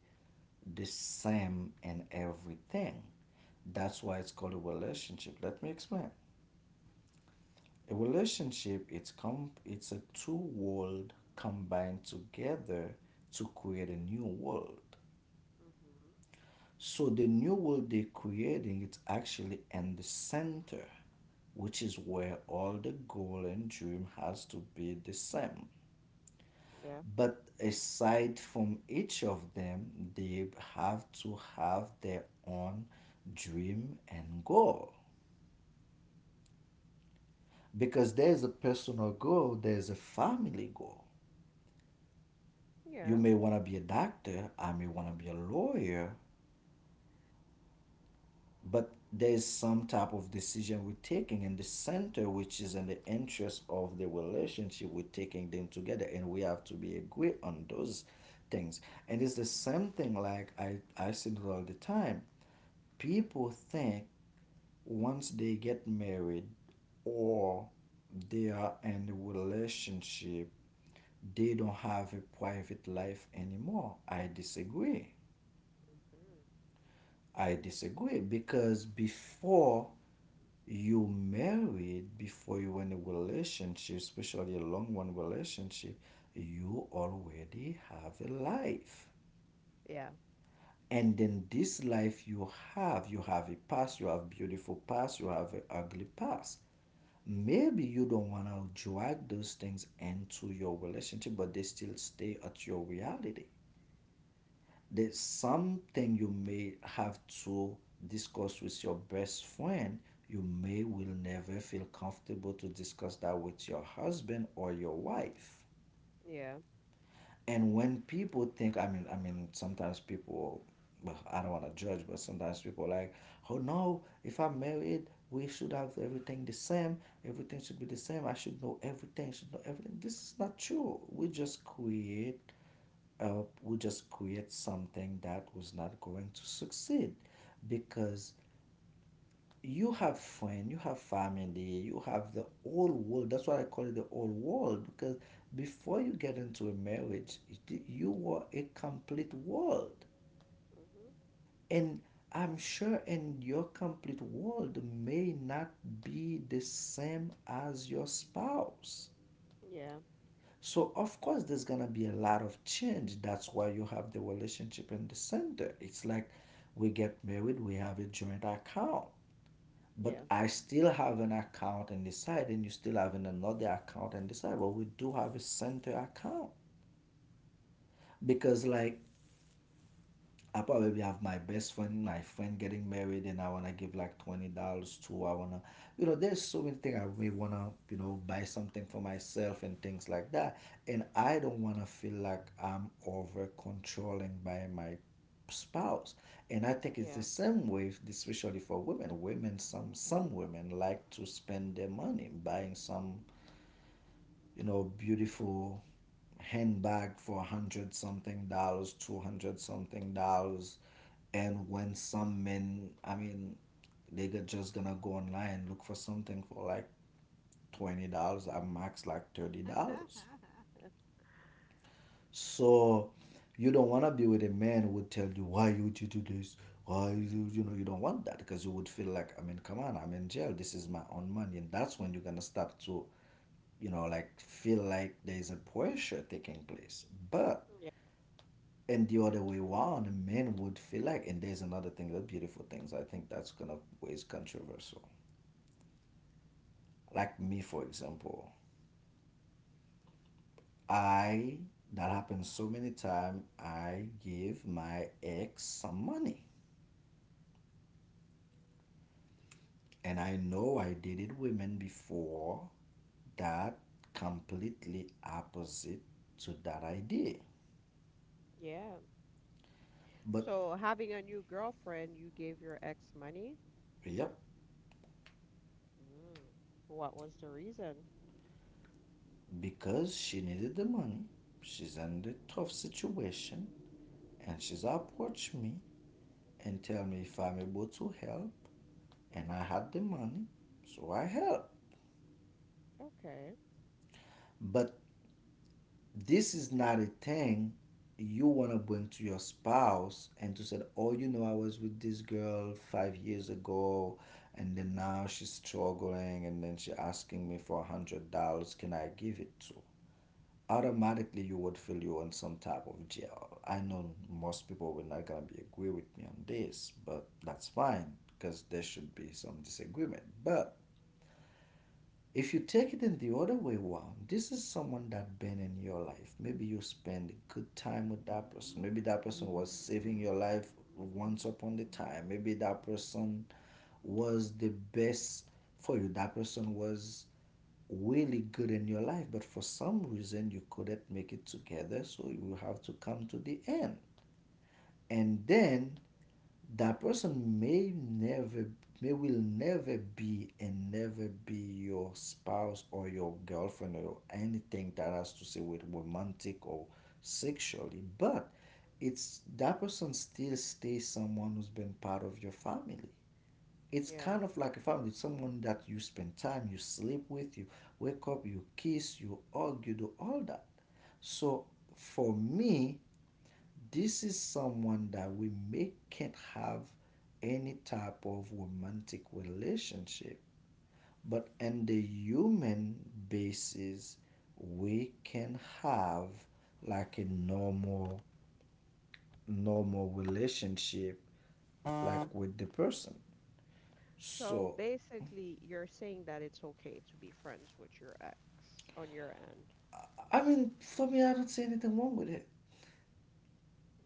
B: the same in everything. That's why it's called a relationship. Let me explain. A relationship, it's a two world combined together to create a new world.
A: Mm-hmm.
B: So the new world they're creating, it's actually in the center, which is where all the goal and dream has to be the same.
A: Yeah.
B: But aside from each of them, they have to have their own dream and goal, because there's a personal goal, there's a family goal. You
A: Yeah.
B: may want to be a doctor, I may want to be a lawyer, but there's some type of decision we're taking in the center, which is in the interest of the relationship. We're taking them together, and we have to be agree on those things. And it's the same thing. Like I said it all the time. People think once they get married, or they are in a relationship, they don't have a private life anymore. I disagree.
A: Mm-hmm.
B: I disagree because before you married, before you were in a relationship, especially a long one relationship, you already have a life.
A: Yeah.
B: And then this life you have a past, you have beautiful past, you have an ugly past. Maybe you don't want to drag those things into your relationship, but they still stay at your reality. There's something you may have to discuss with your best friend. You may will never feel comfortable to discuss that with your husband or your wife.
A: Yeah.
B: And when people think, I mean, sometimes people, well, I don't want to judge, but sometimes people are like, oh no, if I'm married, we should have everything the same. Everything should be the same. I should know everything. Should know everything. This is not true. We just create something that was not going to succeed, because you have friend, you have family, you have the whole world. That's why I call it the whole world, because before you get into a marriage, you were a complete world.
A: Mm-hmm.
B: And I'm sure in your complete world may not be the same as your spouse.
A: Yeah.
B: So of course there's gonna be a lot of change. That's why you have the relationship in the center. It's like we get married, we have a joint account. But
A: Yeah.
B: I still have an account in the side, and you still have another account in the side. But we do have a center account. Because like I probably have my best friend, my friend getting married, and I wanna give like $20 to. I wanna, there's so many things I may wanna, buy something for myself and things like that. And I don't wanna feel like I'm over controlling by my spouse. And I think it's the
A: Yeah.
B: same way, especially for women. Women, some women like to spend their money buying some, beautiful handbag for hundred something dollars, 200 something dollars. And when some men, I mean, they could just gonna go online, look for something for like $20, at max like $30.
A: Uh,
B: So you don't want to be with a man who would tell you, why would you do this, why you, you know you don't want that, because you would feel like, I mean, come on, I'm in jail, this is my own money. And that's when you're gonna start to, you know, like, feel like there's a pressure taking place. But
A: Yeah.
B: in the other way around, men would feel like, and there's another thing, the beautiful things, I think that's gonna ways controversial. Like me, for example. I— that happens so many times. I give my ex some money, and I know I dated women before that completely opposite to that idea.
A: Yeah.
B: But
A: So having a new girlfriend, you gave your ex money?
B: yep,
A: Mm. What was the reason?
B: because she needed the money, she's in a tough situation, and she's approached me and tell me if I'm able to help, and I had the money, so I help.
A: Okay.
B: But this is not a thing you want to bring to your spouse and to say, oh, I was with this girl 5 years ago and then now she's struggling and then she's asking me for $100. Can I give it to? Automatically, you would feel you are in some type of jail. I know most people will not gonna be agree with me on this, but that's fine because there should be some disagreement. But if you take it in the other way around, this is someone that been in your life. Maybe you spend a good time with that person. Maybe that person was saving your life once upon a time. Maybe that person was the best for you. That person was really good in your life, but for some reason you couldn't make it together, so you have to come to the end. And then that person may never— may will never be and never be your spouse or your girlfriend or your anything that has to say with romantic or sexually. But it's that person still stays someone who's been part of your family. It's
A: Yeah.
B: kind of like a family. It's someone that you spend time, you sleep with, you wake up, you kiss, you hug, you do all that. So for me, this is someone that we may can't have any type of romantic relationship, but on the human basis, we can have like a normal relationship like with the person.
A: So
B: So
A: basically, you're saying that it's okay to be friends with your ex on your end.
B: I mean, for me, I don't see anything wrong with it.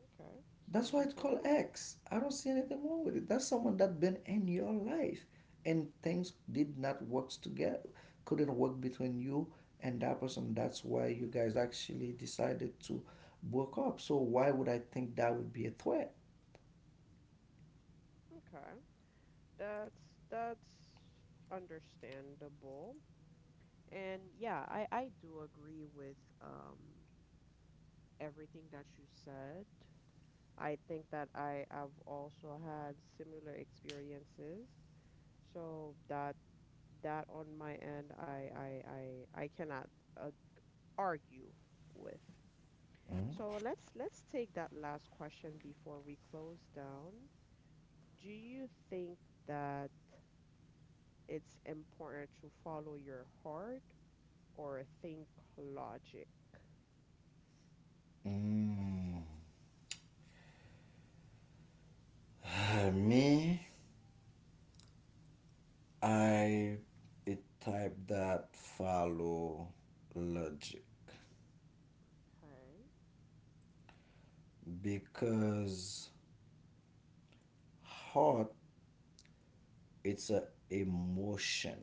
A: Okay.
B: That's
A: Some
B: why it's
A: people
B: called
A: don't.
B: X. I don't see anything wrong with it. That's someone that been in your life and things did not work together, couldn't work between you and that person. That's why you guys actually decided to broke up. So why would I think that would be a threat?
A: Okay. That's that's understandable. And yeah, I do agree with everything that you said. I think that I have also had similar experiences. So that on my end, I cannot uh, argue with. So let's take that last question before we close down. Do you think that it's important to follow your heart or think logic?
B: Mm. Mm. Me, I a type that follow logic,
A: Okay.
B: because heart it's a emotion.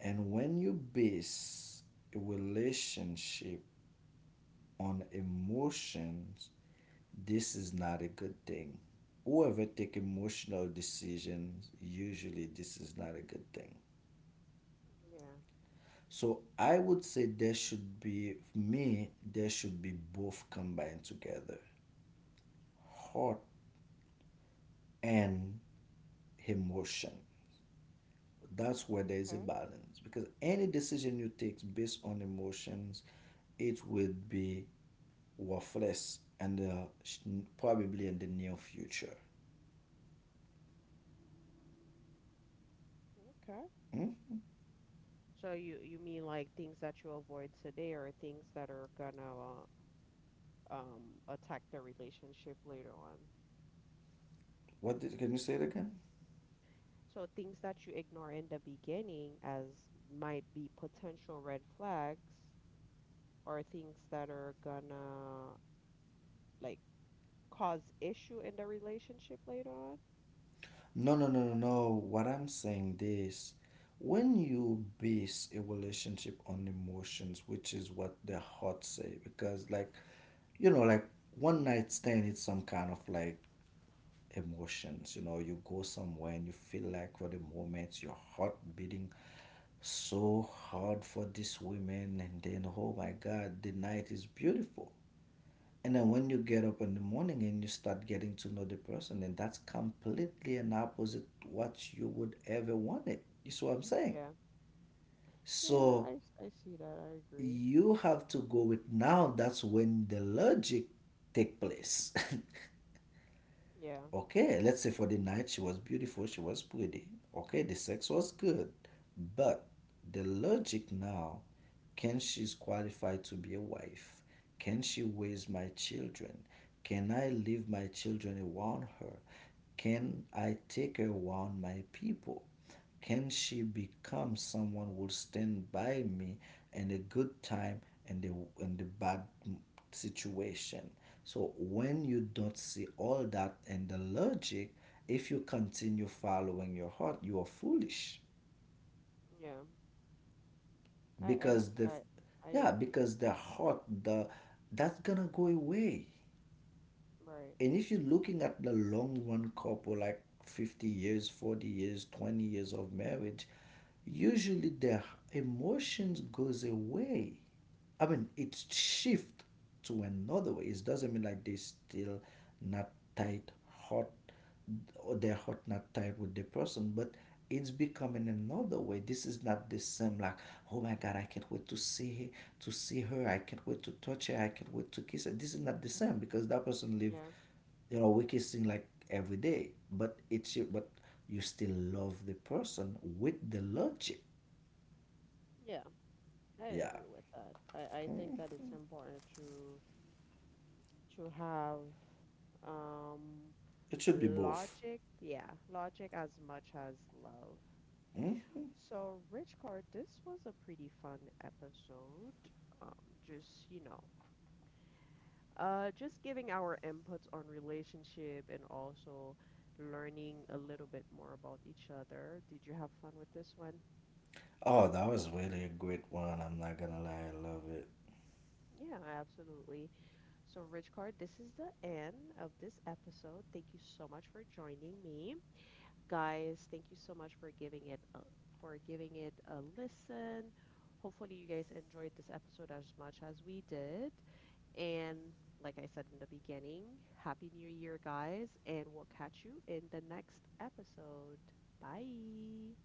B: And when you base a relationship on emotions, this is not a good thing. Whoever take emotional decisions, usually this is not a good thing.
A: Yeah.
B: So I would say there should be— for me, there should be both combined together. Heart and emotion. That's where there is a
A: Okay.
B: balance. Because any decision you take based on emotions, it would be waffles and probably in the near future.
A: Okay.
B: Hmm?
A: So you mean like things that you avoid today or things that are gonna attack the relationship later on.
B: What did— can you say it again?
A: So things that you ignore in the beginning as might be potential red flags are things that are gonna, like, cause issue in the relationship later on.
B: No, no, no, no, no. What I'm saying this, when you base a relationship on emotions, which is what the heart say, because like you know, like one night stand, it's some kind of like emotions. You know, you go somewhere and you feel like for the moment your heart beating so hard for this woman, and then oh my God, the night is beautiful. And then when you get up in the morning and you start getting to know the person, and that's completely an opposite what you would ever want it. You see what I'm saying?
A: Yeah. Yeah,
B: So
A: I see that. I agree.
B: you have to go with now. That's when the logic take place.
A: Yeah.
B: Okay, let's say for the night she was beautiful, she was pretty. Okay, the sex was good, but the logic now, can she's qualified to be a wife? Can she raise my children? Can I leave my children around her? Can I take her around my people? Can she become someone who will stand by me in the good time and the— and the bad situation? So when you don't see all that and the logic, if you continue following your heart, you are foolish,
A: Yeah. I, I,
B: because
A: s-
B: the—
A: I, I
B: yeah,
A: agree.
B: because the heart, the— that's gonna go away.
A: Right.
B: And if you're looking at the long run couple like 50 years, 40 years, 20 years of marriage, usually their emotions goes away. I mean, it shift to another way. It doesn't mean like they still not tight hot or they're hot not tight with the person, but it's becoming another way. This is not the same like oh my God, I can't wait to see her, to see her, I can't wait to touch her, I can't wait to kiss her. This is not the same because that person live,
A: Yeah,
B: you know, we kissing like every day, but it's— but you still love the person with the logic.
A: yeah, I
B: Yeah.
A: agree with that. I think that
B: Mm.
A: it's important to have um
B: It should be both.
A: logic, yeah, logic as much as love.
B: Hmm.
A: So, Rich Card, this was a pretty fun episode. Just, you know, just giving our inputs on relationship and also learning a little bit more about each other. Did you have fun with this one?
B: Oh, that was really a great one. I'm not gonna lie, I love it.
A: Yeah, absolutely. So, Richcard, this is the end of this episode. Thank you so much for joining me. Guys, thank you so much for giving it a, for giving it a listen. Hopefully you guys enjoyed this episode as much as we did. And like I said in the beginning, happy new year guys, and we'll catch you in the next episode. Bye.